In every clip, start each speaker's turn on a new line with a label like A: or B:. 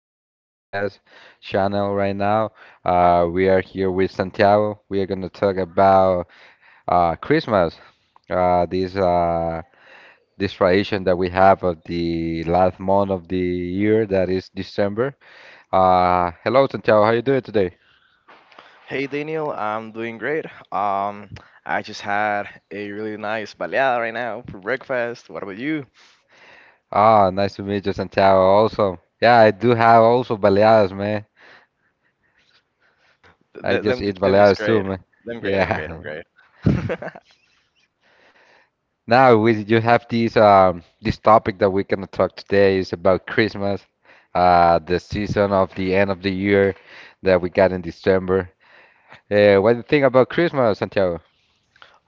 A: a new podcast channel right now. We are here with Santiago. We are going to talk about Christmas, uh, this uh, this tradition that we have of the last month of the year, that is December. Hello, Santiago. How you doing today?
B: Hey Daniel, I'm doing great. Um, I just had a really nice baleada right now for breakfast. What about you?
A: Ah, nice to meet you, Santiago. Also, yeah, I do have also baleadas, man. I
B: Th-
A: just
B: them, ju-
A: eat
B: them just
A: baleadas too,
B: great.
A: man.
B: Them great. I'm great. I'm
A: Yeah.
B: great.
A: Now we you have this this topic that we're gonna talk today is about Christmas, the season of the end of the year that we got in December. What do you think about Christmas, Santiago?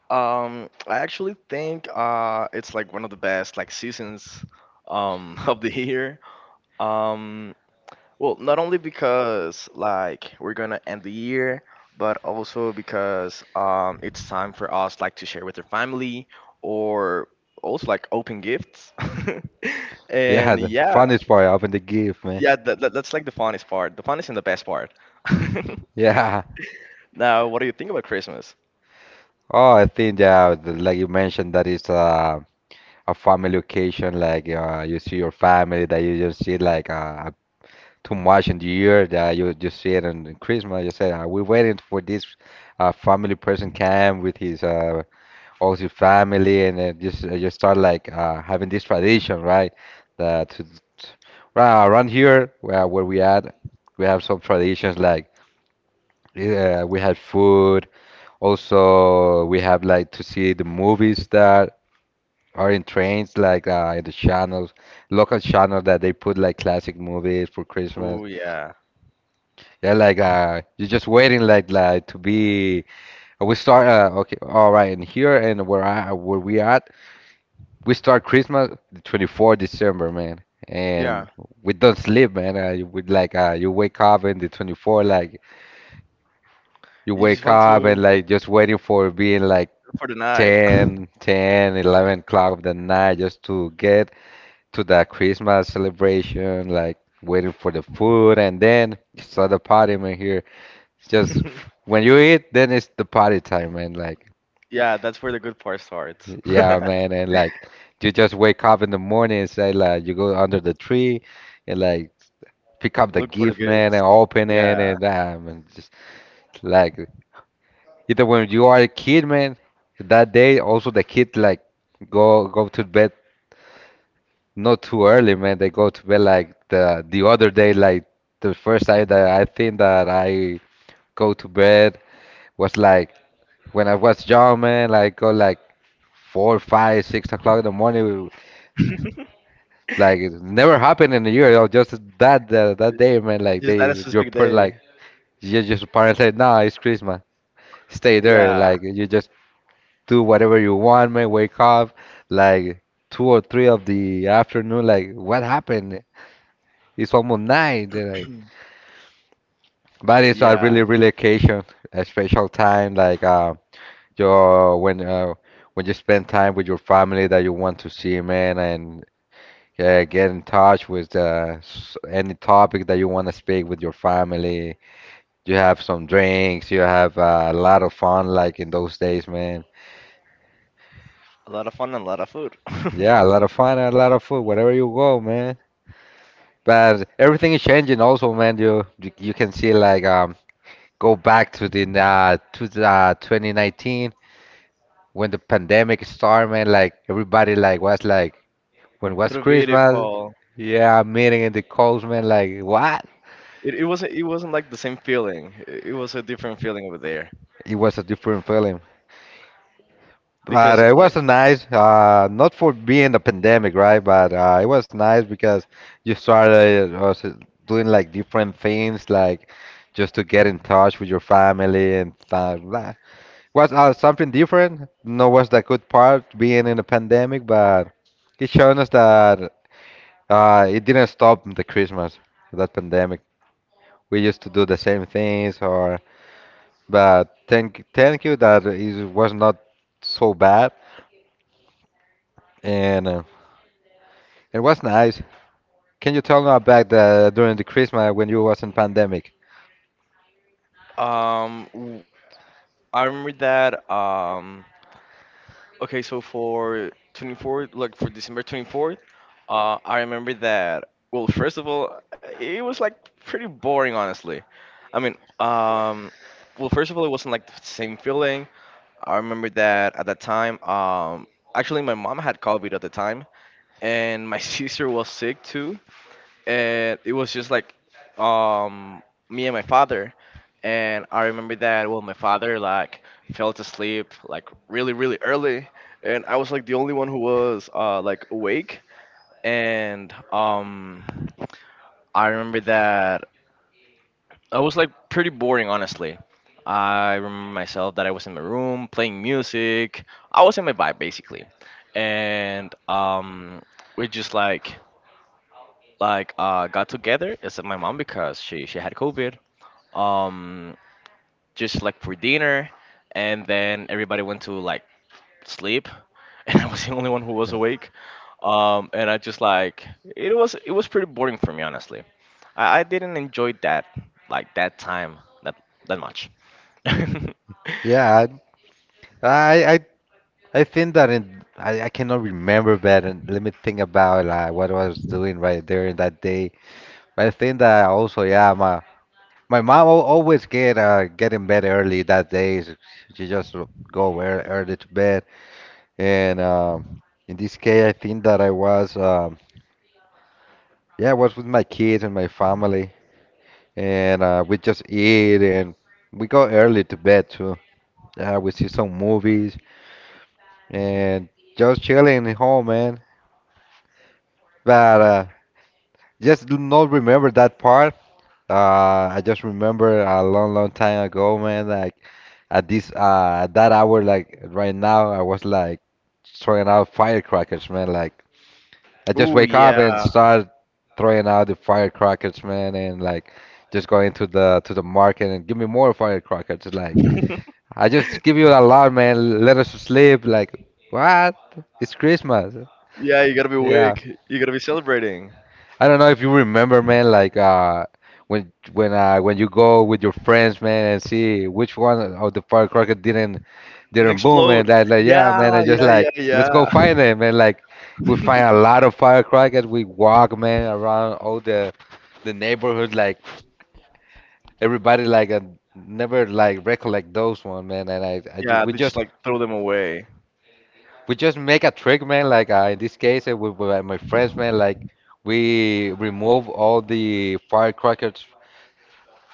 B: I actually think it's like one of the best like seasons of the year. Um, Well, not only because like we're gonna end the year, but also because it's time for us like to share with our family, or also like open gifts.
A: Yeah,
B: And
A: the
B: yeah,
A: funnest part, open the gift, man.
B: yeah, that's like the funnest part. The funnest and the best part.
A: Yeah.
B: Now, what do you think about Christmas?
A: Oh, I think yeah, like you mentioned, that is a family occasion. Like you see your family that you just see like too much in the year that you just see it on Christmas. You say we're waiting for this family person came with his Also, your family, and then just you start like having this tradition, right? That to, to- right around here where we at, we have some traditions like, yeah, we have food. Also, we have like to see the movies that are in trains, like in the channels, local channel that they put like classic movies for Christmas.
B: Oh yeah.
A: Yeah, like you're just waiting like to be. We start okay, all right, and here and where we at. We start Christmas the 24th December, man,
B: Yeah.
A: and we don't sleep, man. We like you wake up in the 24th, like you
B: You just
A: wake
B: want
A: up and
B: to
A: like just waiting for being like
B: for the night.
A: 10, 11 o'clock of the night just to get to that Christmas celebration, like waiting for the food, and then start the party, man. Here, it's just when you eat, then it's the party time, man. Like,
B: Yeah, that's where the good part starts.
A: yeah, man, and like you just wake up in the morning and say like you go under the tree and like pick up the
B: Look for the
A: gift, man,
B: gifts.
A: and open it,
B: Yeah.
A: and just like either when you are a kid, man, that day also the kid like go to bed not too early, man. They go to bed like the other day, like the first time that I think that I go to bed was like when I was young, man, like go like four, five, 6 o'clock in the morning. Like it never happened in a year, you know. Just that day, man. Like
B: Just that is
A: they,
B: his
A: your
B: big
A: per like
B: day.
A: You just parents say, no, it's Christmas. Stay there.
B: Yeah,
A: Like you just do whatever you want, man. Wake up, like two or three of the afternoon. Like what happened? It's almost night. They're Like, but it's a
B: yeah.
A: really, really occasion, a special time. Like your when you spend time with your family that you want to see, man, and yeah, get in touch with any topic that you want to speak with your family. You have some drinks. You have a lot of fun, like in those days, man.
B: A lot of fun and a lot of food.
A: Yeah, a lot of fun, and a lot of food, wherever you go, man. But everything is changing, also, man. You can see like go back to the 2019 when the pandemic started, man. Like everybody like was like, when was
B: Through video
A: Christmas?
B: call.
A: Yeah, meeting in the coast, man. Like what?
B: It wasn't like the same feeling. It was a different feeling over there.
A: It was a different feeling. But
B: Because
A: it
B: like
A: was nice, not for being a pandemic, right? But it was nice because you started also doing like different things, like just to get in touch with your family and stuff. Blah. Was something different. No, was the good part being in a pandemic, but it showed us that it didn't stop the Christmas, that pandemic. We used to do the same things, or but thank you that it was not so bad and. It was nice. Can you tell me about the during the Christmas when you was in pandemic?
B: um w- I remember that. Okay, so for 24th, like for December 24th, I remember that. Well, first of all, it was like pretty boring, honestly. I mean, well, first of all, it wasn't like the same feeling. I remember that at that time, actually, my mom had COVID at the time, and my sister was sick too, and it was just like um me and my father. And I remember that, well, my father like fell to sleep like really really early, and I was like the only one who was like awake. And I remember that I was like pretty boring, honestly. I remember myself that I was in my room playing music. I was in my vibe, basically. And we just like got together, except my mom because she had COVID. Um, just like for dinner, and then everybody went to like sleep, and I was the only one who was
A: Yeah.
B: awake. And I just like it was pretty boring for me, honestly. I didn't enjoy that like that time that that much.
A: Yeah, I, I, I I think that I cannot remember, but let me think about like what I was doing right there in that day. But I think that also, yeah, my mom always get in bed early that day. She just go where early to bed, and in this case, I think that I was, yeah, I was with my kids and my family, and we just eat and we go early to bed too. We see some movies and just chilling at home, man. But just do not remember that part. Uh, I just remember a long, long time ago, man. Like at this, at that hour, like right now, I was like throwing out firecrackers, man. Like I just
B: Ooh
A: wake up and
B: yeah,
A: start throwing out the firecrackers, man, and like just going to the market and give me more firecrackers, like.
B: yeah.
A: I just give you a alarm, man. Let us sleep. Like, what? It's Christmas.
B: You gotta be
A: Yeah.
B: awake. You gotta be celebrating.
A: I don't know if you remember, man. Like, when you go with your friends, man, and see which one of the firecracker
B: It
A: didn't boom,
B: explode.
A: and yeah,
B: Yeah,
A: man. I just
B: yeah,
A: like, let's go
B: yeah,
A: find them, man. Like,
B: yeah.
A: we find a lot of firecrackers. We walk, man, around all the neighborhood. Like, everybody like never like recollect those one, man. And I ju-
B: Yeah,
A: we
B: they just
A: just
B: like throw them away.
A: We just make a trick, man. Like in this case, with my friends, man. Like we remove all the firecrackers.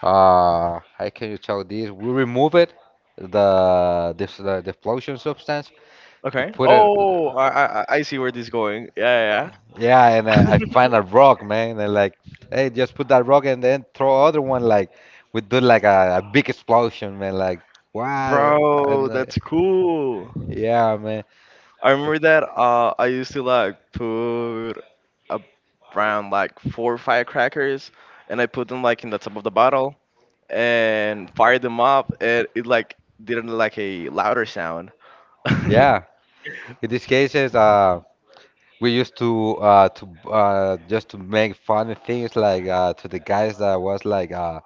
A: How can you tell this? We remove it, the explosion substance. You
B: Okay.
A: put it,
B: Oh, I see where this is going. Yeah, yeah.
A: yeah. And I find a rock, man. And like, hey, just put that rock and then throw other one. Like we do like a big explosion, man. Like, wow. And
B: Bro, that's cool.
A: yeah, man.
B: I remember that I used to like put a- around like four firecrackers, and I put them like in the top of the bottle, and fired them up, and it like didn't like a louder sound.
A: Yeah. In this case, is We used to just to make funny things like to the guys that was like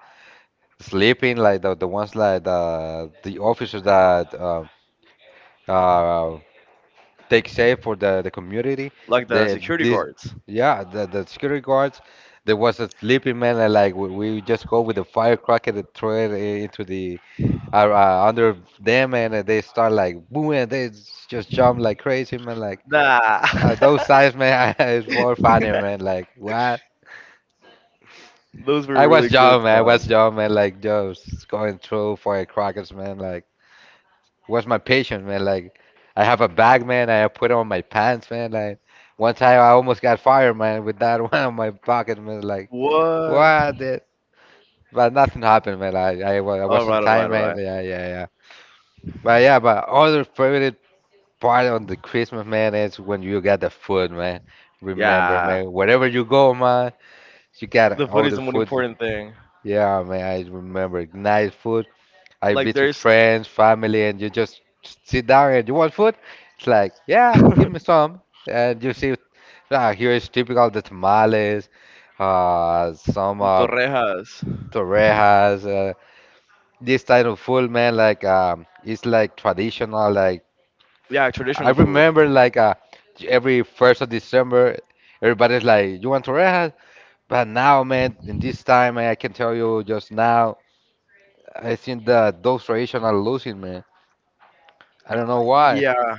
A: sleeping, like the ones like the officers that uh take safe for the community,
B: Like the
A: the
B: security
A: this
B: guards.
A: yeah, the security guards. There was a sleeping man, and like we just go with the firecracker and throw into the under them, and they start like booming, and they just jump like crazy, man. Like
B: Nah.
A: those signs, man, it's more funny, man. Like, what?
B: Those were
A: I was
B: really good
A: young, man. I was
B: times.
A: young, man. Like just going through for a crackers, man. Like was my patience, man. Like I have a bag, man. I put on my pants, man. Like one time I almost got fired, man, with that one on my pocket, man. Like,
B: What?
A: what? Did? But nothing happened, man. I
B: All
A: was on
B: right, all right,
A: time,
B: all
A: man.
B: right.
A: Yeah, yeah, yeah. But yeah, but other favorite part on the Christmas, man, is when you get the food, man. Remember,
B: Yeah,
A: man. Wherever you go, man, you got
B: the food
A: all
B: is
A: the
B: the most
A: food.
B: important thing.
A: Yeah, man. I remember nice food. I
B: Like
A: meet with
B: there's
A: friends, family, and you just sit down and you want food. It's like, yeah, give me some. And you see, ah, here is typical the tamales, some
B: torrejas.
A: torrejas, this type of food, man. Like, it's like traditional. Like,
B: Yeah,
A: I
B: traditional food.
A: remember, like, every 1st of December, everybody's like, you want torrejas? But now, man, in this time, man, I can tell you just now, I think that those traditions are losing, man. I don't know why.
B: Yeah,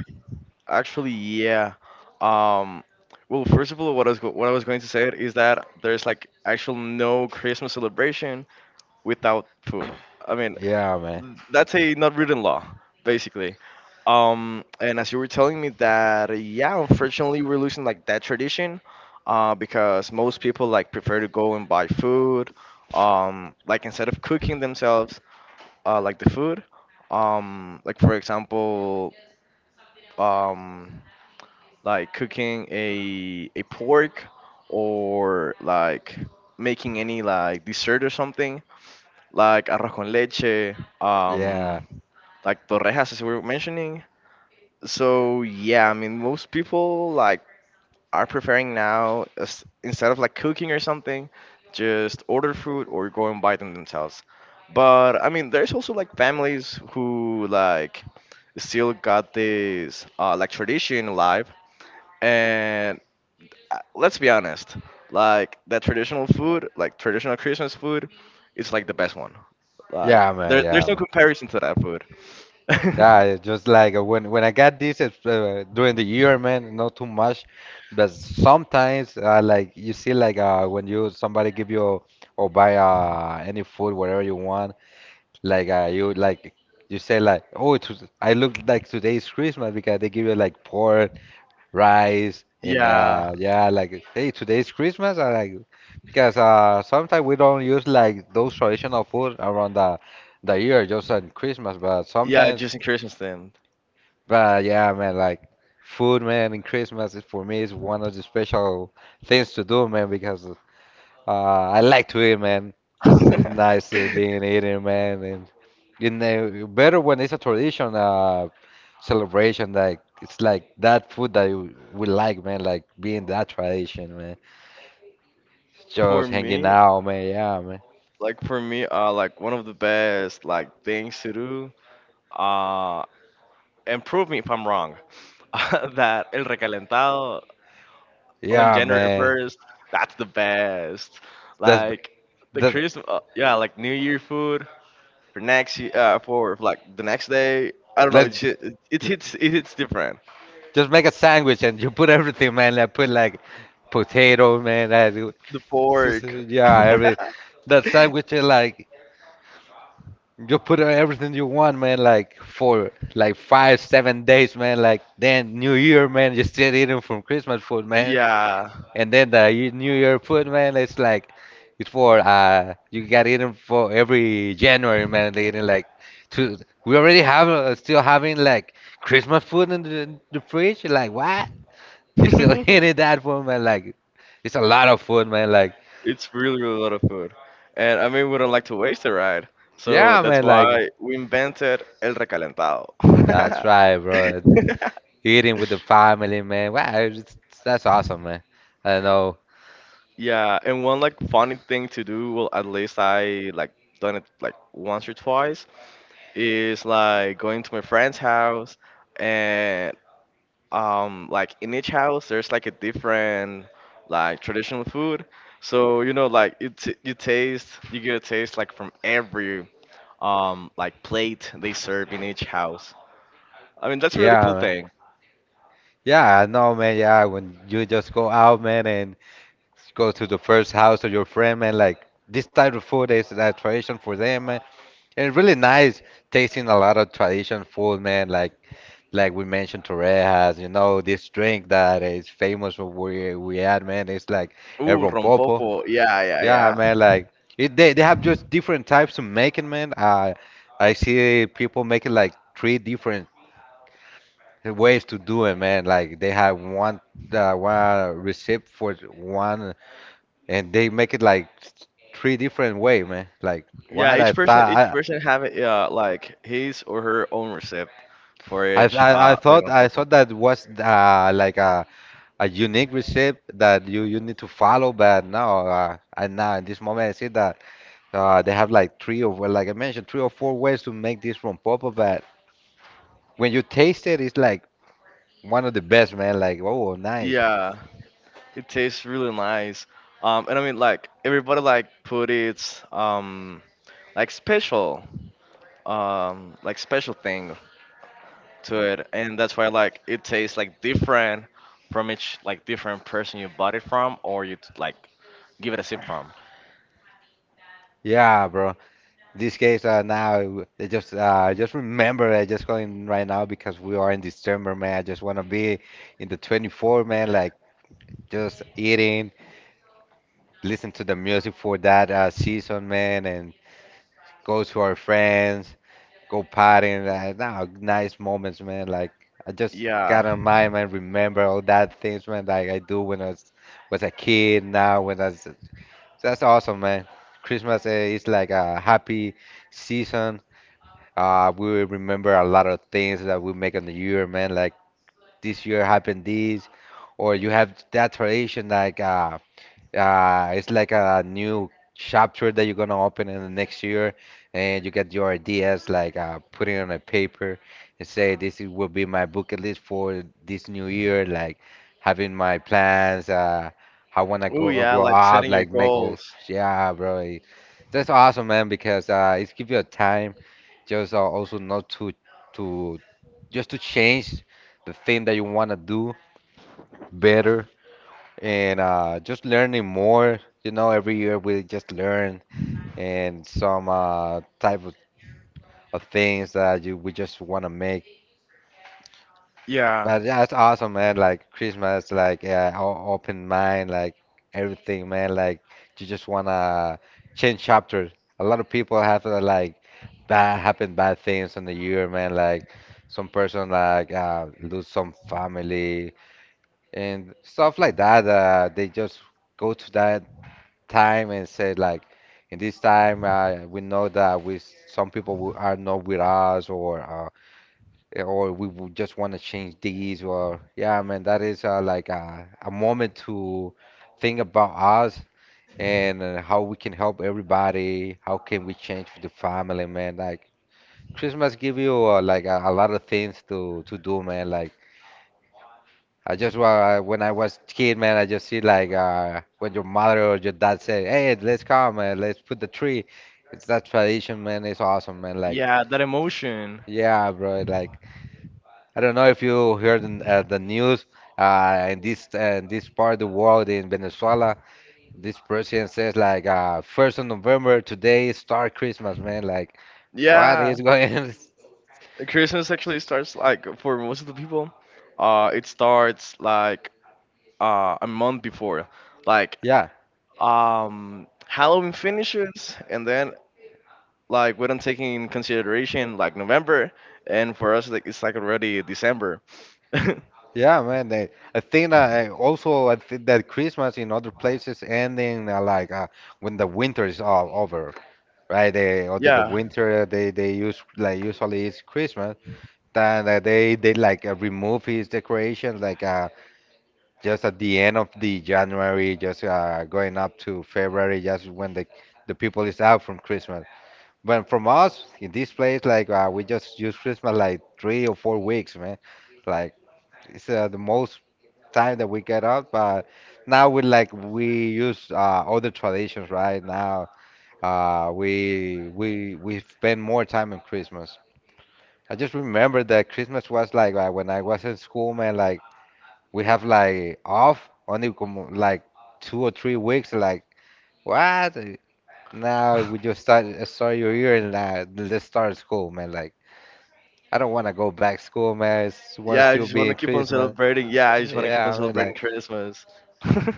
B: actually, yeah. Um, well, first of all, what I was going to say is that there's like actual no Christmas celebration without food. I mean,
A: Yeah, man.
B: that's a not written law, basically. And as you were telling me that, yeah, unfortunately, we're losing like that tradition, because most people like prefer to go and buy food, like instead of cooking themselves, like the food, like for example, um, like cooking a pork, or like making any like dessert or something like arroz con leche,
A: Yeah.
B: like torrejas as we were mentioning. So yeah, I mean most people like are preferring now, as, instead of like cooking or something, just order food or go and buy them themselves. But I mean there's also like families who like still got this like tradition alive. And let's be honest, like the traditional food, like traditional Christmas food, is like the best one.
A: Yeah,
B: Like
A: man.
B: there,
A: Yeah,
B: there's no
A: man.
B: comparison to that food.
A: Yeah, it's just like when I got this during the year, man, not too much, but sometimes like you see like when you somebody give you or buy any food whatever you want, like you like you say like, oh I look like today's Christmas, because they give you like pork rice, and
B: yeah,
A: yeah, like hey, today's Christmas I like, because sometimes we don't use like those traditional food around the year, just on Christmas, but
B: yeah,
A: sometimes,
B: just in Christmas then.
A: but yeah, man, like food, man, in Christmas is for me is one of the special things to do, man, because I like Twitter, man. It's nice being here, man, and you know, better when it's a tradition celebration. Like it's like that food that we like, man. Like being that tradition, man.
B: For
A: Just hanging
B: me,
A: out, man. Yeah, man.
B: like one of the best like things to do. Uh, and prove me if I'm wrong. That el recalentado on
A: Yeah,
B: January
A: man.
B: first, that's the best.
A: That's
B: Like the
A: that.
B: Christmas, yeah, like New Year food. For next year, for like the next day. I don't know.
A: Let's
B: It
A: l-
B: hits different.
A: just make a sandwich and you put everything, man. Like put like potato, man.
B: The pork.
A: Yeah, every that sandwich is like you put everything you want, man, like for like five, 7 days, man, like then New Year, man, you still eating from Christmas food, man.
B: Yeah.
A: And then New Year food, man, it's like it's for you got eating for every January, man, they eating like two, we already have still having like Christmas food in the fridge, like what? You still eating that food, man, like it's a lot of food, man, like
B: It's really really a lot of food, and I mean we don't like to waste it, right? So
A: yeah,
B: that's
A: man, like
B: why we invented el recalentado.
A: that's right, bro. Eating with the family, man. Wow, it's, that's awesome, man. I know.
B: Yeah, and one like funny thing to do, well, at least I like done it like once or twice, is like going to my friend's house. And like in each house there's like a different like traditional food, so you know, like you get a taste like from every like plate they serve in each house. I mean, that's a really
A: Yeah,
B: cool
A: man.
B: thing.
A: Yeah, I know, man. Yeah, when you just go out, man, and go to the first house of your friend, man, like this type of food is a tradition for them, man. And it's really nice tasting a lot of tradition food, man. Like we mentioned, Torrejas, you know, this drink that is famous for we had, man. It's like el
B: Ooh,
A: rompopo.
B: rompopo. Yeah, yeah,
A: Yeah,
B: yeah.
A: man, like it, they have just different types to make it, man. I see people making like three different ways to do it, man. Like they have one one recipe for one, and they make it like three different way, man. Like
B: Yeah,
A: what I
B: each person each
A: thought.
B: person have it, yeah, like his or her own recipe for
A: I I
B: each
A: I, I
B: like
A: thought I
B: rompopo.
A: thought that was like a unique recipe that you need to follow, but no, and now in this moment I see that. They have like three or, well, like I mentioned, three or four ways to make this from papa, but when you taste it, it's like one of the best, man. Like, oh, nice.
B: Yeah, it tastes really nice. And I mean like everybody like put its like special thing to it, and that's why like it tastes like different from each like different person you bought it from, or you like give it a sip from.
A: Yeah, bro. This case now, I just remember, I just going right now because we are in December, man. I just wanna be in the 24, man. Like, just eating, listen to the music for that season, man, and go to our friends. Go partying. Like, no, nice moments, man. Like I just
B: Yeah.
A: got on mind, man. Remember all that things, man. Like I do was a kid. Now when I was, that's awesome, man. Christmas is like a happy season. We will remember a lot of things that we make on the year, man. Like this year happened this, or you have that tradition like it's like a new chapter that you're gonna open in the next year, and you get your ideas like put it on a paper and say this is, will be my bucket list for this new year, like having my plans, I wanna
B: Oh
A: go
B: yeah,
A: grow
B: like
A: up,
B: setting your
A: like make all
B: goals.
A: yeah, bro. That's awesome, man, because it's give you a time just also not to just to change the thing that you wanna do better and just learning more. You know, every year we just learn and some type of things that you we just want to make.
B: Yeah.
A: But yeah, it's awesome, man. Like Christmas, like yeah, open mind, like everything, man. Like you just wanna change chapters. A lot of people have like bad things in the year, man. Like some person like lose some family and stuff like that. They just go to that time and said like in this time we know that we some people who are not with us or or we would just want to change these or yeah man that is like a moment to think about us and how we can help everybody how can we change for the family man like Christmas give you like a lot of things to do man like I just wa when I was kid, man, I just see like when your mother or your dad say, "Hey, let's come, man, let's put the tree." It's that tradition, man. It's awesome, man. Like,
B: Yeah, that emotion.
A: yeah, bro. Like, I don't know if you heard in, the news uh, in this part of the world in Venezuela, this president says like, November 1st today start Christmas, man. Like, what
B: Yeah.
A: is going? on?
B: Christmas actually starts, like for most of the people, it starts like a month before, like
A: Yeah,
B: Halloween finishes, and then like we don't take in consideration like November, and for us like it's like already December.
A: Yeah, man. I think that I also I think that Christmas in other places ending when the winter is all over, right? They or the
B: Yeah.
A: winter they use like usually it's Christmas. Then they like remove his decorations like just at the end of the January, just going up to February, just when the people is out from Christmas. But from us in this place, like we just use Christmas like 3 or 4 weeks, man. Like it's the most time that we get up, but now we like we use other traditions right now. We spend more time on Christmas. I just remember that Christmas was like when I was in school, man. Like we have like off only como, like 2 or 3 weeks. Like what? Now we just start your year and let's start school, man. Like I don't want to go back school, man. I want to
B: Yeah, I
A: still
B: just
A: be
B: wanna
A: in
B: keep on
A: Christmas.
B: celebrating. Yeah, I just wanna keep on
A: Yeah, I mean
B: celebrating
A: like.
B: Christmas.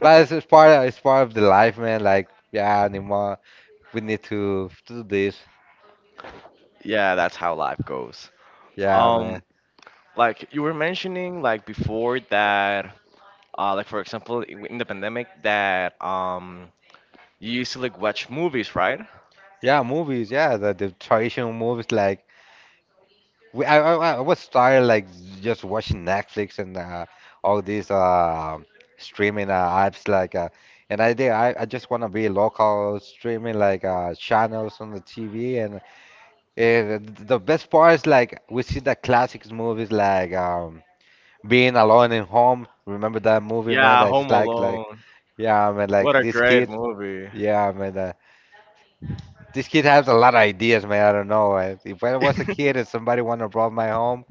A: But it's part of the life, man. Like, yeah, Nima, we need to do this.
B: Yeah, that's how life goes.
A: Yeah,
B: Um
A: man.
B: like you were mentioning like before that, like for example, in the pandemic, that you used to like watch movies, right?
A: Yeah, movies. Yeah, the traditional movies. Like, I was tired like just watching Netflix and all these streaming apps. Like, and I did. I just wanna be local streaming like channels on the TV. And the best part is like we see the classics movies like Being Alone in Home. Remember that movie, man?
B: Yeah,
A: That's
B: Home
A: like like.
B: Alone.
A: Yeah, man,
B: What
A: like
B: a
A: this
B: great
A: kid,
B: movie.
A: yeah, man, this kid has a lot of ideas, man. I don't know. If I was a kid and somebody wanted to rob my home,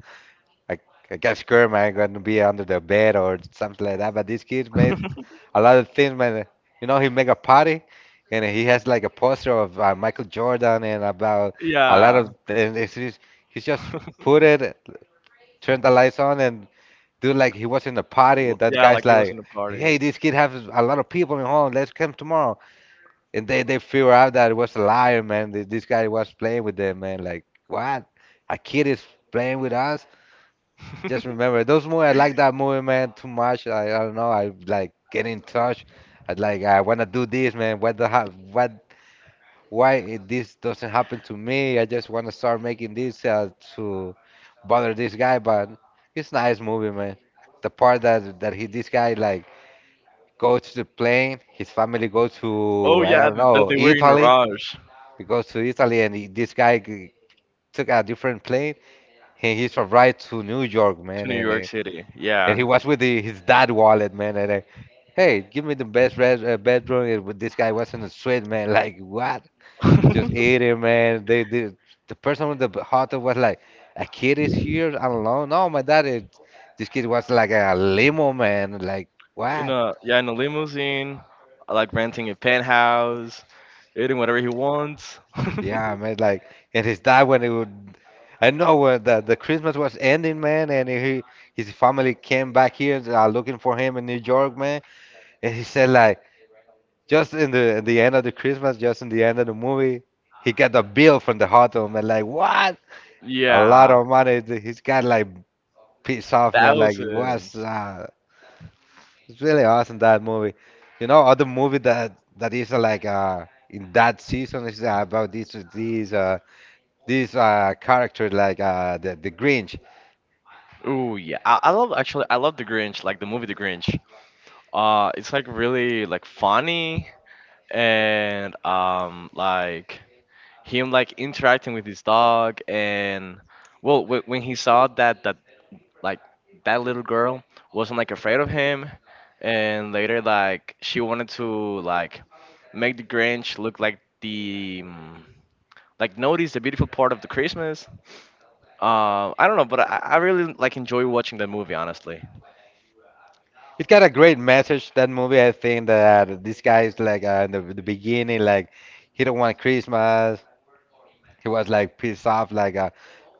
A: I, I got scared, man, I'm gonna be under the bed or something like that. But this kid made a lot of things, man. You know, he make a party, and he has like a poster of Michael Jordan and about a lot of.
B: Yeah.
A: And it's, he's just put it, turn the lights on, and do like he was in the party. And that
B: Yeah,
A: guy's
B: like he was
A: like,
B: in the party.
A: "Hey, this kid has a lot of people in home. Let's come tomorrow." And they figure out that it was a liar, man. This guy was playing with them, man. Like what? A kid is playing with us? Just remember those movies. I like that movie, man, too much. I don't know. I like get in touch. I like I wanna do this, man. What? Why it, this doesn't happen to me? I just wanna start making this to bother this guy, but it's nice movie, man. The part that he this guy like goes to the plane. His family goes
B: Oh
A: to I
B: yeah,
A: don't
B: that
A: know
B: they were in a
A: Italy
B: rush
A: he goes to Italy, and this guy took a different plane. He's from right to New York,
B: to
A: man,
B: New York City.
A: and
B: Yeah.
A: he was with his dad wallet, man. And hey, give me the best bed room. This guy wasn't a suite, man. Like what? Just eat him, man. They did. The person with the heart was like, a kid is here alone. No, my dad is. This kid was like a limo, man. Like
B: In
A: what?
B: a, yeah, in a limousine, like renting a penthouse, eating whatever he wants.
A: Yeah, man, like and his dad when it would I know when the Christmas was ending, man, and he his family came back here looking for him in New York, man, and he said like just in the end of the Christmas, just in the end of the movie, he got a bill from the hotel, man, like what? A lot
B: Yeah.
A: of money. He's got like pissed off, man, like it was
B: Thousands.
A: it's really awesome that movie. You know, other movie that is in that season is about this character like the Grinch.
B: Ooh yeah. I love The Grinch, like the movie The Grinch. It's like really like funny, and like him like interacting with his dog. And well, when he saw that like that little girl wasn't like afraid of him, and later like she wanted to like make the Grinch look like the like notice the beautiful part of the Christmas. I don't know, but I really like enjoy watching that movie, honestly.
A: It got a great message that movie. I think that this guy is like in the beginning, like he don't want Christmas. He was like pissed off, like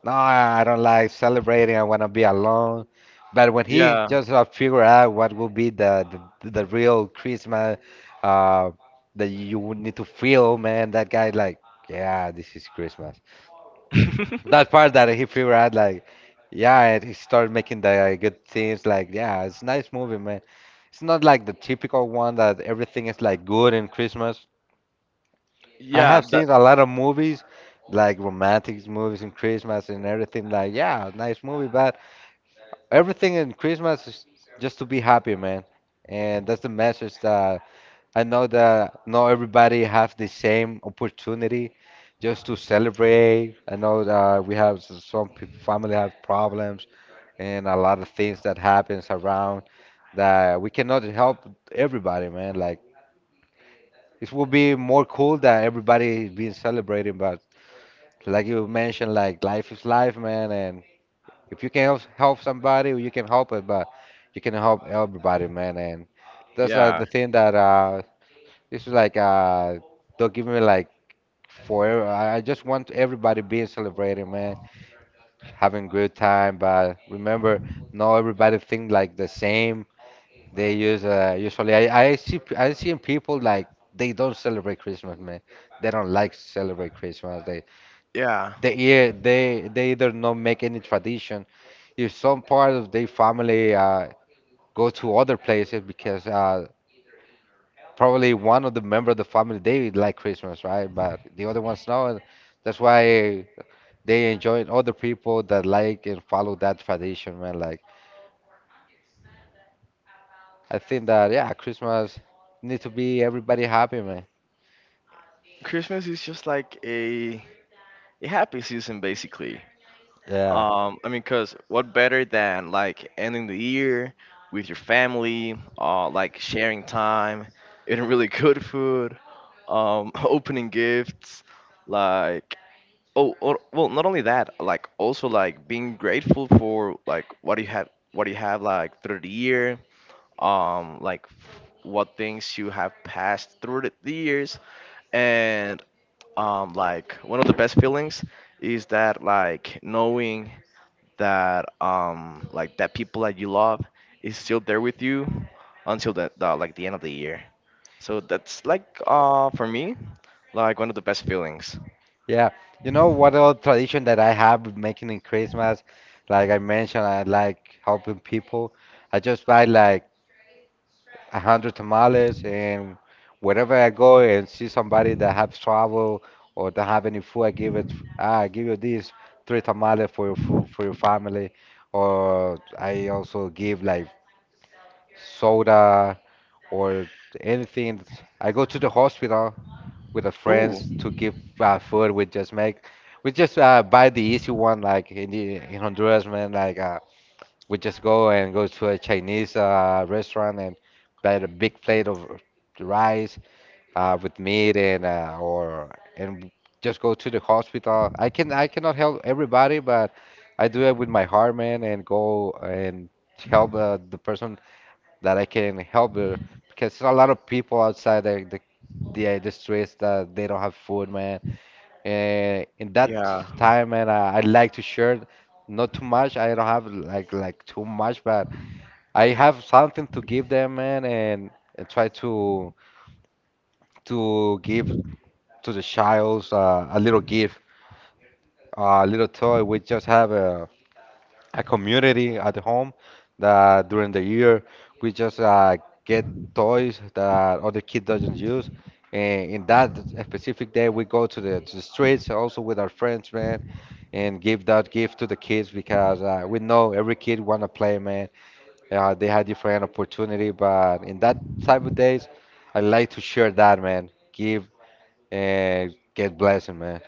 A: no, I don't like celebrating. I want to be alone. But when he
B: Yeah,
A: just figure out what will be the real Christmas uh, that you would need to feel, man, that guy like yeah, this is Christmas. That part that he figured out, like, yeah, and he started making the good things, like, yeah, it's a nice movie, man. It's not like the typical one that everything is like good in Christmas. I
B: yeah,
A: have
B: that,
A: seen a lot of movies, like romantic movies in Christmas and everything, like, yeah, nice movie. But everything in Christmas is just to be happy, man. And that's the message that I know that not everybody have the same opportunity just to celebrate. I know that we have some family have problems and a lot of things that happens around that we cannot help everybody, man. Like, it would be more cool that everybody being celebrating, but like you mentioned, like, life is life, man. And if you can help somebody, you can help it, but you can help everybody, man. And that's
B: yeah,
A: the thing that this is like they'll give me like forever. I just want everybody being celebrating, man, having good time. But remember, not everybody think like the same. They use usually I see I see people like they don't celebrate Christmas, man. They don't like celebrate Christmas. They
B: yeah.
A: they yeah, they either not make any tradition. If some part of their family go to other places because probably one of the member of the family they like Christmas, right? But the other ones no. And that's why they enjoy other people that like and follow that tradition, man. Like, I think that, yeah, Christmas need to be everybody happy, man.
B: Christmas is just like a happy season, basically.
A: Yeah,
B: I mean, cause what better than like ending the year with your family, like sharing time, eating really good food, opening gifts, like, oh, or, well, not only that, like also like being grateful for like what you have like through the year, like what things you have passed through the years, and like one of the best feelings is that like knowing that like that people that you love is still there with you until like the end of the year, so that's like for me like one of the best feelings.
A: yeah. You know what old tradition that I have with making in Christmas? Like I mentioned, I like helping people. I just buy like 100 tamales, and wherever I go and see somebody that have trouble or don't have any food, I give it. Ah, I give you these three tamales for your food, for your family. Or I also give like soda or anything. I go to the hospital with the
B: Ooh
A: friends to give food. We just buy the easy one, like in the in Honduras, man, like we just go and go to a Chinese restaurant and buy a big plate of rice with meat and or, and just go to the hospital. I cannot help everybody, but I do it with my heart, man, and go and help the person that I can help, because there's a lot of people outside the streets that they don't have food, man. And in that
B: yeah.
A: time, man, I like to share. Not too much. I don't have like too much, but I have something to give them, man, and try to give to the childs a little gift, a little toy. We just have a community at home that during the year we just get toys that other kid doesn't use. And in that specific day, we go to the streets also with our friends, man, and give that gift to the kids because we know every kid wanna play, man. They had different opportunity, but in that type of days, I like to share that, man. Give and get blessing, man.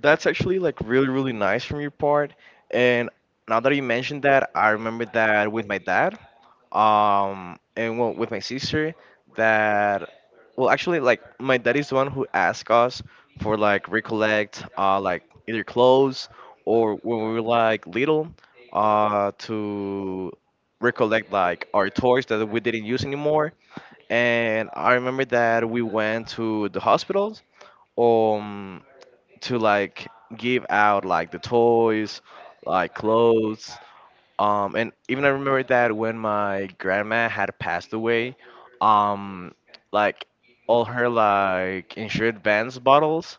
B: That's actually like really, really nice from your part. And now that you mentioned that, I remember that with my dad, and well, with my sister, that, well, actually, like my dad is the one who asked us for like recollect, like either clothes, or when we were like little, to recollect like our toys that we didn't use anymore. And I remember that we went to the hospitals. Um, to like give out like the toys, like clothes. And even I remember that when my grandma had passed away, um, like all her like insured bands bottles,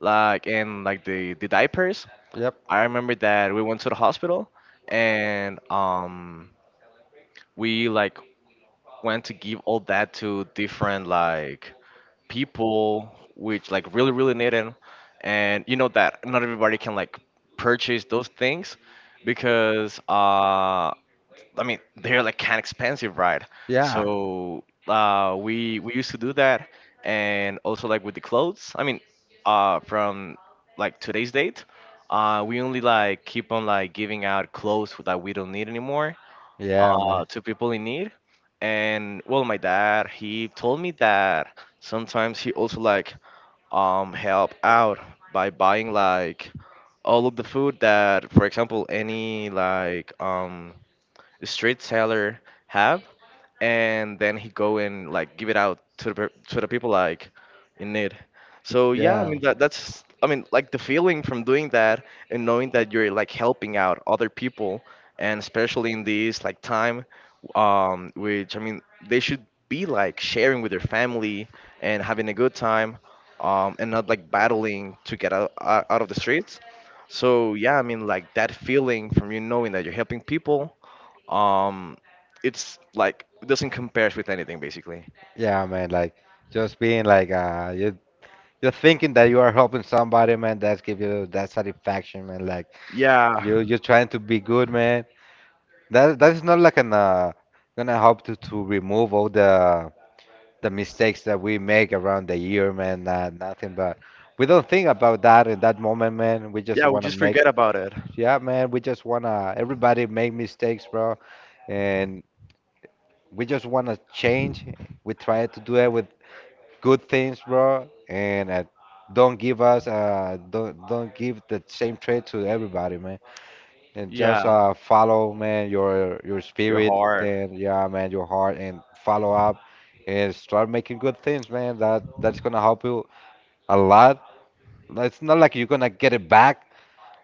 B: like, and like the diapers.
A: Yep.
B: I remember that we went to the hospital. And we like went to give all that to different like people, which like really really need them. And you know that not everybody can like purchase those things, because I mean they're like kind of expensive, right?
A: Yeah.
B: So we used to do that. And also like with the clothes, I mean from like today's date, we only like keep on like giving out clothes that we don't need anymore,
A: Yeah, man.
B: to people in need. And well, my dad he told me that sometimes he also like help out by buying like all of the food that, for example, any like street seller have, and then he go and like give it out to the to the people, like, in need. So yeah, I mean
A: Yeah.
B: that's the feeling from doing that and knowing that you're like helping out other people, and especially in this like time, which I mean they should be like sharing with their family and having a good time, and not like battling to get out of the streets. So yeah, I mean like that feeling from you knowing that you're helping people, um, it's like it doesn't compare with anything basically.
A: Yeah, man. Like, just being like you're thinking that you are helping somebody, man. That's give you that satisfaction, man. Like,
B: Yeah,
A: you're trying to be good, man. That is not like an gonna help to remove all the mistakes that we make around the year, man. Nothing, but we don't think about that in that moment, man. We just
B: yeah, we
A: wanna
B: just
A: make,
B: forget about it.
A: yeah, man. We just wanna everybody make mistakes, bro, and we just wanna change. We try to do it with good things, bro, and don't give us, don't give the same trait to everybody, man, and
B: Yeah,
A: just follow, man, your
B: you're
A: spirit,
B: hard.
A: and yeah, man, your heart, and follow up, and start making good things, man, that's gonna help you a lot. It's not like you're gonna get it back,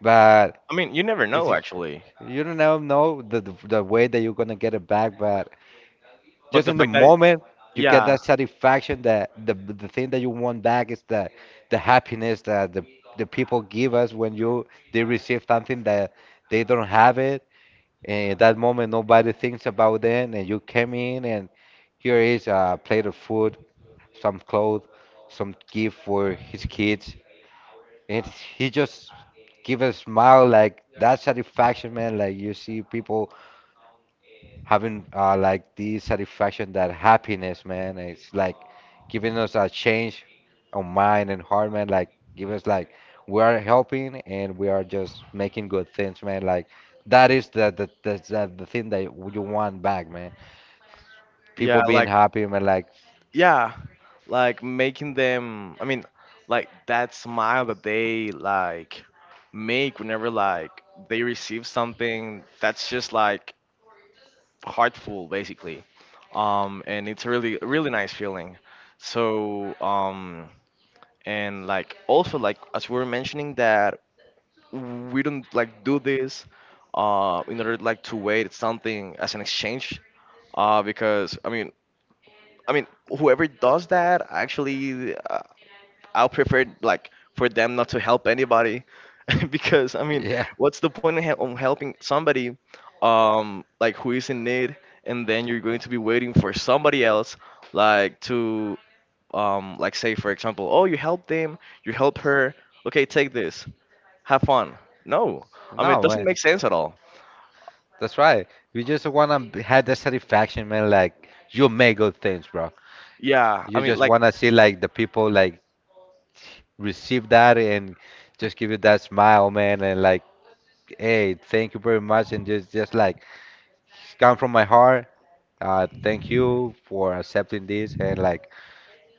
A: but
B: I mean, you never
A: it's,
B: know actually,
A: you don't know the, the way that you're gonna get it back, but
B: but
A: just
B: the
A: in the
B: fact that
A: moment you get
B: yeah,
A: that satisfaction, that the thing that you want back is the happiness, that the people give us when you they receive something that they don't have it. And that moment, nobody thinks about them, and you came in, and here is a plate of food, some clothes, some gift for his kids, and he just give a smile, like, that satisfaction, man. Like, you see people having like the satisfaction, that happiness, man. It's like giving us a change of mind and heart, man. Like giving us like we are helping and we are just making good things, man. Like, that is the thing that you want back, man. People
B: yeah,
A: being
B: like
A: happy, man. Like
B: yeah, like making them. I mean, like that smile that they like make whenever like they receive something that's just like heartful basically. And it's really really nice feeling. So and like also like as we were mentioning that we don't like do this, in order like to wait something as an exchange, because I mean whoever does that actually, I'll prefer like for them not to help anybody because I mean
A: yeah,
B: what's the point in on helping somebody, like who is in need, and then you're going to be waiting for somebody else like to, like say for example, oh you helped them, you help her, okay take this, have fun. No, I mean it
A: no,
B: doesn't
A: man.
B: make sense at all.
A: That's right. You just wanna have the satisfaction, man. Like, you make good things, bro.
B: Yeah, I
A: You
B: mean
A: just
B: like
A: wanna see like the people like receive that and just give you that smile, man, and like, hey, thank you very much, and just like come from my heart. Thank you for accepting this, and like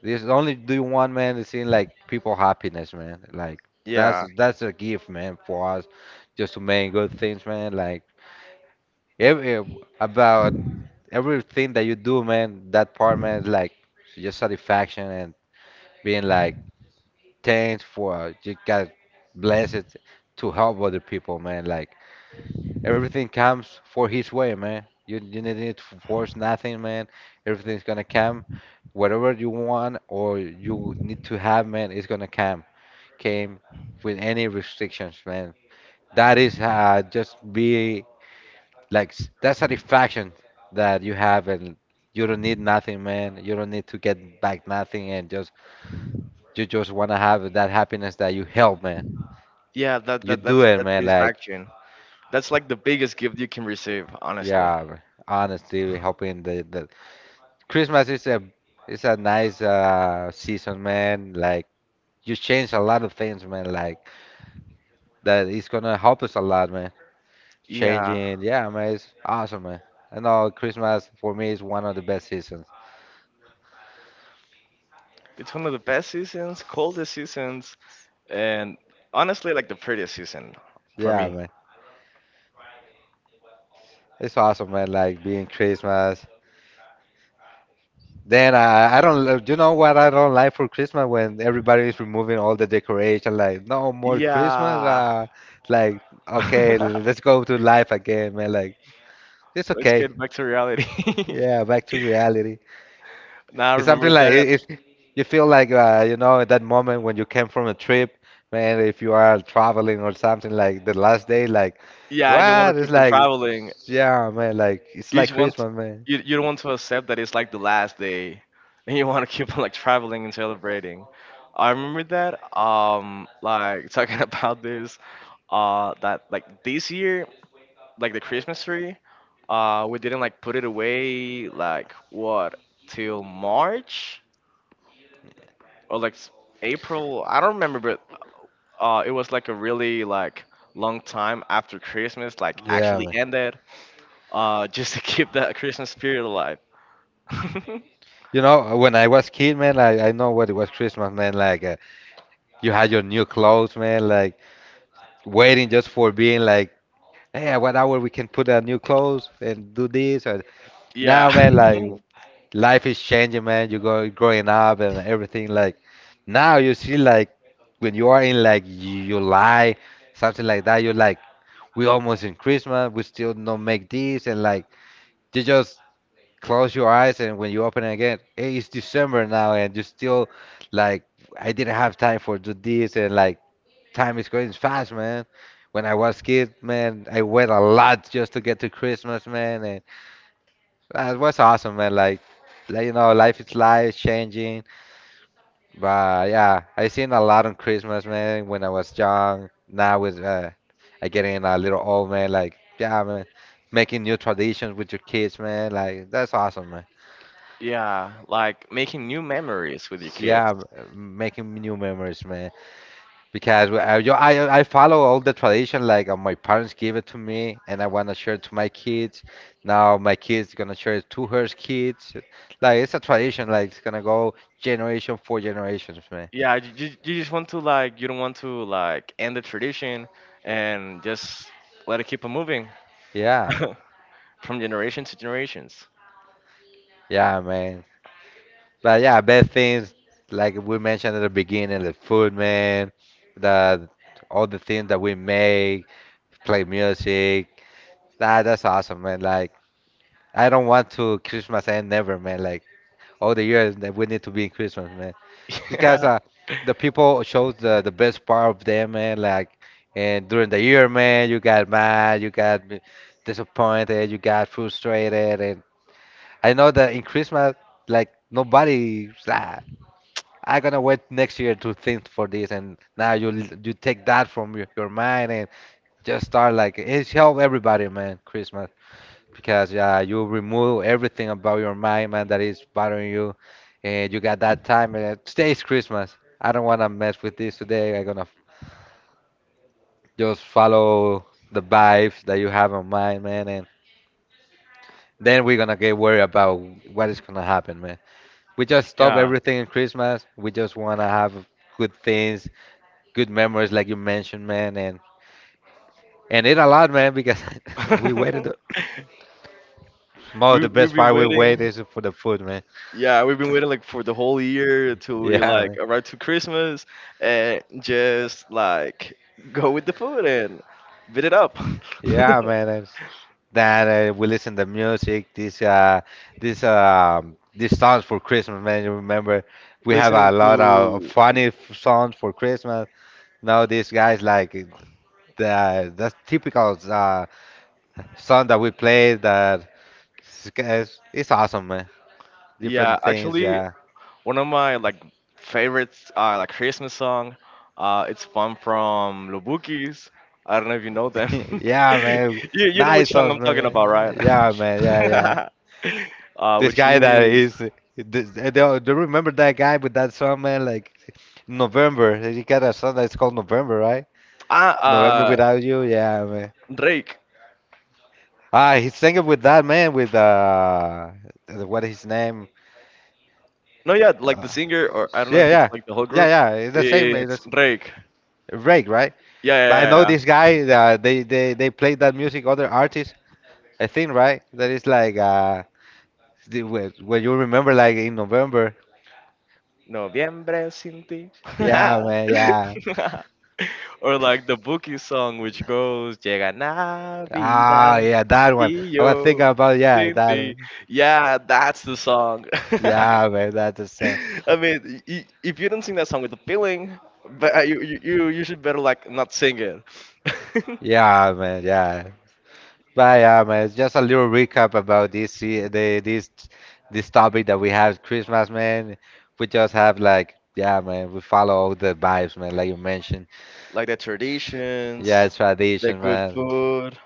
A: this is only do one man to see like people happiness, man. Like, that's
B: yeah,
A: that's a gift, man, for us just to make good things, man. Like, every about everything that you do, man. That part, man, is like just satisfaction and being like, thanks for you got blessed to help other people, man. Like, everything comes for his way, man. You need to force nothing, man. Everything's gonna come. Whatever you want or you need to have, man, it's gonna come. Came with any restrictions, man. That is just be like that satisfaction that you have, and you don't need nothing, man. You don't need to get back nothing, and just you just wanna have that happiness that you help, man.
B: yeah. That,
A: You
B: that
A: do
B: that's
A: it,
B: that's
A: man. Like,
B: satisfaction. That's like the biggest gift you can receive, honestly.
A: yeah, honestly, helping the Christmas is a nice season, man. Like, you change a lot of things, man. Like, that is gonna help us a lot, man.
B: Yeah,
A: Changing, yeah, man. It's awesome, man. I know Christmas for me is one of the best seasons.
B: it's one of the best seasons, coldest seasons, and honestly, like the prettiest season for
A: Yeah,
B: me.
A: man. It's awesome, man. Like being Christmas. Then I don't you know what I don't like for Christmas, when everybody is removing all the decoration. Like, no more Christmas.
B: Yeah.
A: Like, okay, let's go to life again, man. Like, it's
B: Let's
A: okay.
B: get back to reality.
A: Yeah, back to reality.
B: Now I
A: It's something
B: remember
A: like,
B: that.
A: if you feel like you know that moment when you came from a trip, man. If you are traveling or something, like the last day, like
B: Yeah, and you want
A: what?
B: to
A: It's
B: keep on
A: like,
B: traveling.
A: yeah, man. Like, it's
B: You
A: like
B: just want
A: Christmas, man.
B: you you don't want to accept that it's like the last day, and you want to keep on like traveling and celebrating. I remember that. Like talking about this. That like this year, like the Christmas tree, we didn't like put it away like what till March or like April. I don't remember, it was like a really like long time after Christmas like
A: Yeah,
B: actually
A: man.
B: ended, just to keep that Christmas spirit alive.
A: You know, when I was kid, man, I know what it was Christmas, man. Like you had your new clothes, man. Like waiting just for being like, hey, at what hour we can put on new clothes and do this? Or now,
B: yeah,
A: man, like, life is changing, man. You go growing up and everything. Like now, you see, like when you are in like July, something like that. You're like, we almost in Christmas. We still don't make this. And like, you just close your eyes, and when you open it again, hey, it's December now, and you still like, I didn't have time for do this, and like time is going fast, man. When I was kid, man, I wait a lot just to get to Christmas, man, that was awesome, man. Like, you know, life is life, changing. But yeah, I seen a lot on Christmas, man. When I was young, now with I getting a little old, man. Like, yeah, man, making new traditions with your kids, man. Like, that's awesome, man.
B: yeah, like making new memories with your
A: So, yeah,
B: kids.
A: making new memories, man. Because I, yo- I follow all the tradition like my parents gave it to me, and I want to share it to my kids. Now my kids gonna share it to her kids. Like, it's a tradition, like it's gonna go generation for generations, man.
B: Yeah, you, you just want to like you don't want to like end the tradition and just let it keep on moving
A: Yeah.
B: from generation to generations.
A: Yeah, man. But yeah, bad things like we mentioned at the beginning, the food, man, the all the things that we make, play music. That's awesome, man. Like, I don't want to Christmas and never, man. Like, all the years that we need to be in Christmas, man. Because the people shows the best part of them, man. Like, and during the year, man, you got mad, you got disappointed, you got frustrated, and I know that in Christmas, like, nobody, ah, I gonna wait next year to think for this, and now you take that from your mind and just start like it's help everybody, man. Christmas because, you remove everything about your mind, man, that is bothering you, and you got that time. And today is Christmas. I don't wanna mess with this today. I'm gonna just follow the vibes that you have on mind, man, and then we're gonna get worried about what is gonna happen, man. We just stop
B: Yeah.
A: everything in Christmas. We just wanna have good things, good memories, like you mentioned, man, and eat a lot, man, because we waited. Most of
B: we
A: the
B: we've
A: best
B: been
A: part we wait
B: waiting.
A: is for the food, man.
B: Yeah, we've been waiting like for the whole year till we
A: Yeah,
B: like
A: man.
B: arrive to Christmas and just like go with the food and beat it up.
A: Yeah, man. That We listen to music. This these songs for Christmas, man. You remember we have
B: Listening
A: a lot of
B: to
A: songs for Christmas. Now these guys like the that's typical song that we play. That it's awesome, man.
B: yeah,
A: Different things,
B: actually
A: yeah,
B: one of my like favorites like Christmas song. It's fun from Lubukis. I don't know if you know them.
A: yeah,
B: you
A: man.
B: you know which
A: Nice
B: song
A: songs,
B: I'm talking about,
A: man.
B: right?
A: Yeah, man. Yeah, yeah. This
B: Which
A: guy that
B: is
A: is. Do, do you remember that guy with that song, man? Like November. You got a song that's called November, right?
B: ah
A: November without you, yeah, man.
B: Drake.
A: Ah, he sang it with that man with what is his name?
B: No yeah, like the
A: Uh,
B: singer or I don't know
A: yeah,
B: if it's
A: yeah,
B: like the whole
A: yeah,
B: group.
A: yeah. It's the same. It's
B: It's
A: the
B: Drake.
A: Drake, right?
B: Yeah
A: But I
B: yeah
A: know
B: yeah.
A: this
B: Yeah.
A: guy. They played that music other artists. I think right that is like when you remember like in November.
B: Noviembre sin ti.
A: Yeah, man. Yeah.
B: Or like the Buki song, which goes Llega
A: Ah,
B: Navidad
A: yeah, that one.
B: y
A: I was thinking
B: yo
A: about yeah
B: sin
A: that
B: ti.
A: one.
B: Yeah, that's the song.
A: Yeah, man. That's the song.
B: I mean, if you don't sing that song with a feeling, but you you you you should better like not sing it.
A: Yeah, man. Yeah. I am. It's just a little recap about the this topic that we have Christmas, man. We just have like yeah, man. We follow all the vibes, man. Like you mentioned,
B: Like the
A: yeah,
B: traditions,
A: it's
B: the
A: tradition,
B: good
A: man.
B: food.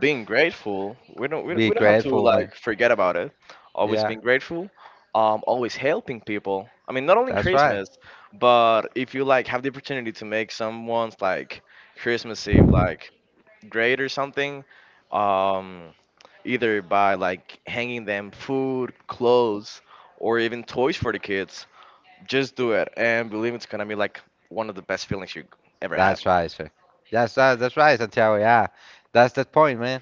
B: Being grateful, we don't
A: Be
B: we don't have to
A: grateful,
B: like
A: man.
B: forget about it, always
A: Yeah,
B: being grateful, always helping people. I mean, not only in
A: that's right.
B: Christmas, but if you like have the opportunity to make someone's like Christmas Eve like great or something, um either by like hanging them food, clothes, or even toys for the kids, just do it and believe it's gonna be like one of the best feelings you ever had.
A: That's right, sir. That's right. That's right, Santiago. Yeah, that's the point, man.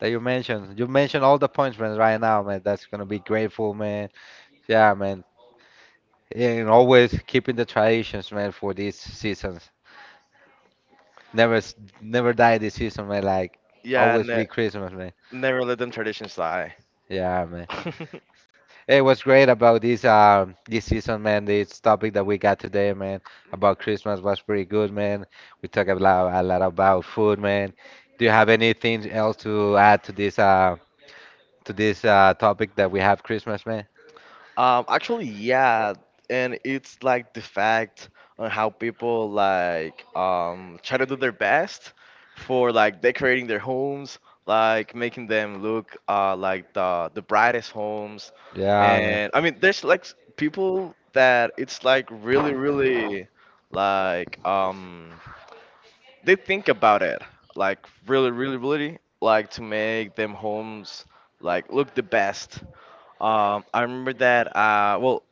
A: That you mentioned. You mentioned all the points, man. Right now, man. That's gonna be grateful, man. Yeah, man. And always keeping the traditions, man, for these seasons. Never, s- never die this season, man. Like
B: Yeah,
A: always be Christmas, man.
B: never let them traditions die.
A: Yeah, man. Hey, what's great about this this season, man. This topic that we got today, man, about Christmas was pretty good, man. We talk a lot about food, man. Do you have anything else to add to this to this topic that we have Christmas, man?
B: Actually, yeah, and it's like the fact on how people like try to do their best for like decorating their homes, like making them look like the brightest homes,
A: Yeah, man.
B: and I mean there's like people that it's like really really like, they think about it like really really really like to make them homes like look the best. I remember that. Well,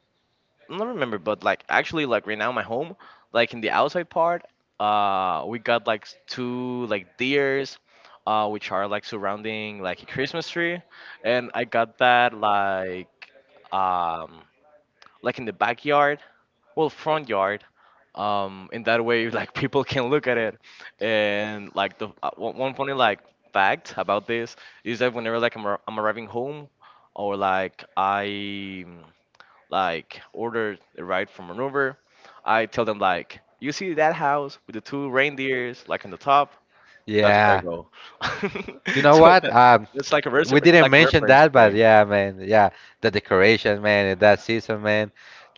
B: I don't remember, but like actually, like right now, my home, like in the outside part, we got like two like deers, which are like surrounding like a Christmas tree, and I got that like, um like in the backyard, well front yard, in that way like people can look at it, and like the one funny like fact about this is that whenever like I'm arriving home, or like I like order a ride from an Uber. I tell them like, you see that house with the two reindeers like in the top? That's where I
A: Yeah.
B: go.
A: You know
B: so
A: what?
B: it's like a
A: We didn't
B: like a
A: mention
B: reference
A: that, but
B: point.
A: yeah, man, yeah, the decoration, man, in that season, man,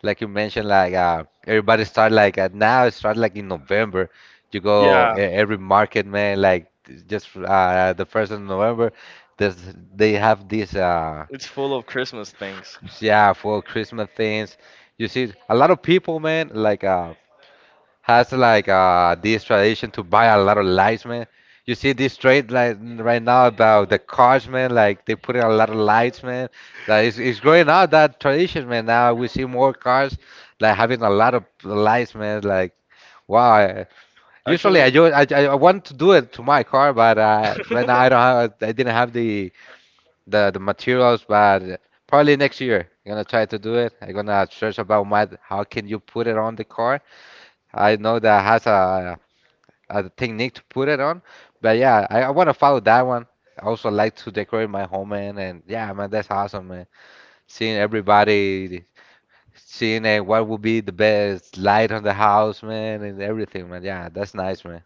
A: like you mentioned, like everybody start like now it start like in November. You go
B: Yeah,
A: every market, man, just the first of November, there's they have this
B: it's full of Christmas things.
A: yeah, for Christmas things. You see a lot of people, man, like has like this tradition to buy a lot of lights, man. You see this trade like right now about the cars, man. Like they put in a lot of lights, man. That is it's growing out that tradition, man. Now we see more cars like having a lot of lights, man. Like wow. Usually
B: Actually,
A: I, ju- I want to do it to my car, but right now I didn't have the materials, but probably next year I'm gonna try to do it. I'm gonna search about my how can you put it on the car. I know that has a the technique to put it on. But yeah, I want to follow that one. I also like to decorate my home, man. And yeah, man, that's awesome, man. Seeing everybody, seeing what would be the best light on the house, man, and everything, man. Yeah, that's nice, man.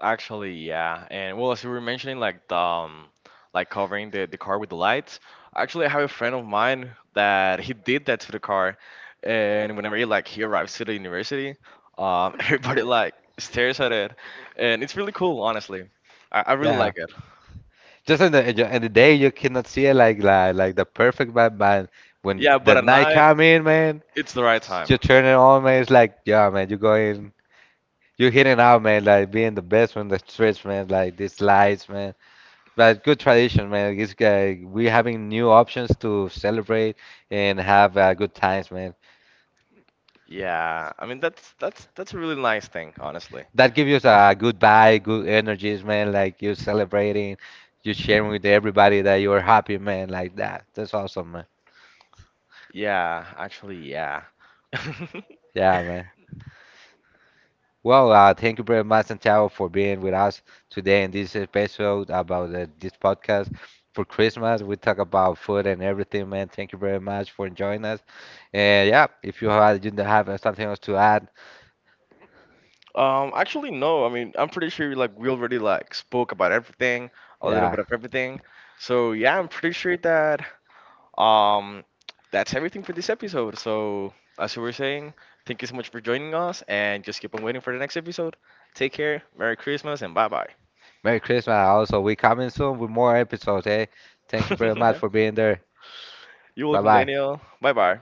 B: actually, yeah. And well, as you were mentioning, like the like covering the car with the lights. Actually, I have a friend of mine that he did that to the car, and whenever he like he arrives to the university, everybody like stares at it, and it's really cool, honestly. I really
A: Yeah,
B: like it.
A: just in the day you cannot see it like the perfect vibe man. When
B: Yeah,
A: the
B: but at
A: night
B: night
A: come in, man,
B: it's the right time.
A: you turn it on, man. It's like, yeah, man, you're going, you're hitting out, man. Like being the best when the streets, man. Like these lights, man. But good tradition, man. It's, we having new options to celebrate and have good times, man.
B: Yeah, I mean that's a really nice thing, honestly.
A: That gives you a good vibe, good energies, man. Like you're celebrating, you're sharing with everybody that you're happy, man. Like that. That's awesome, man.
B: Yeah, actually, yeah.
A: Yeah, man. Well, thank you very much, Santiago, for being with us today in this episode about this podcast for Christmas. We talk about food and everything, man. Thank you very much for joining us. And yeah, if you have, you have something else to add,
B: Actually, no. I mean, I'm pretty sure like we already like spoke about everything, a little
A: yeah.
B: bit of everything. So yeah, I'm pretty sure that um that's everything for this episode. So as you were saying, thank you so much for joining us, and just keep on waiting for the next episode. Take care, Merry Christmas, and bye bye.
A: Merry Christmas. Also, we coming soon with more episodes. Hey, thank you very much for being there.
B: You're
A: Bye
B: welcome,
A: bye.
B: Daniel. Bye bye.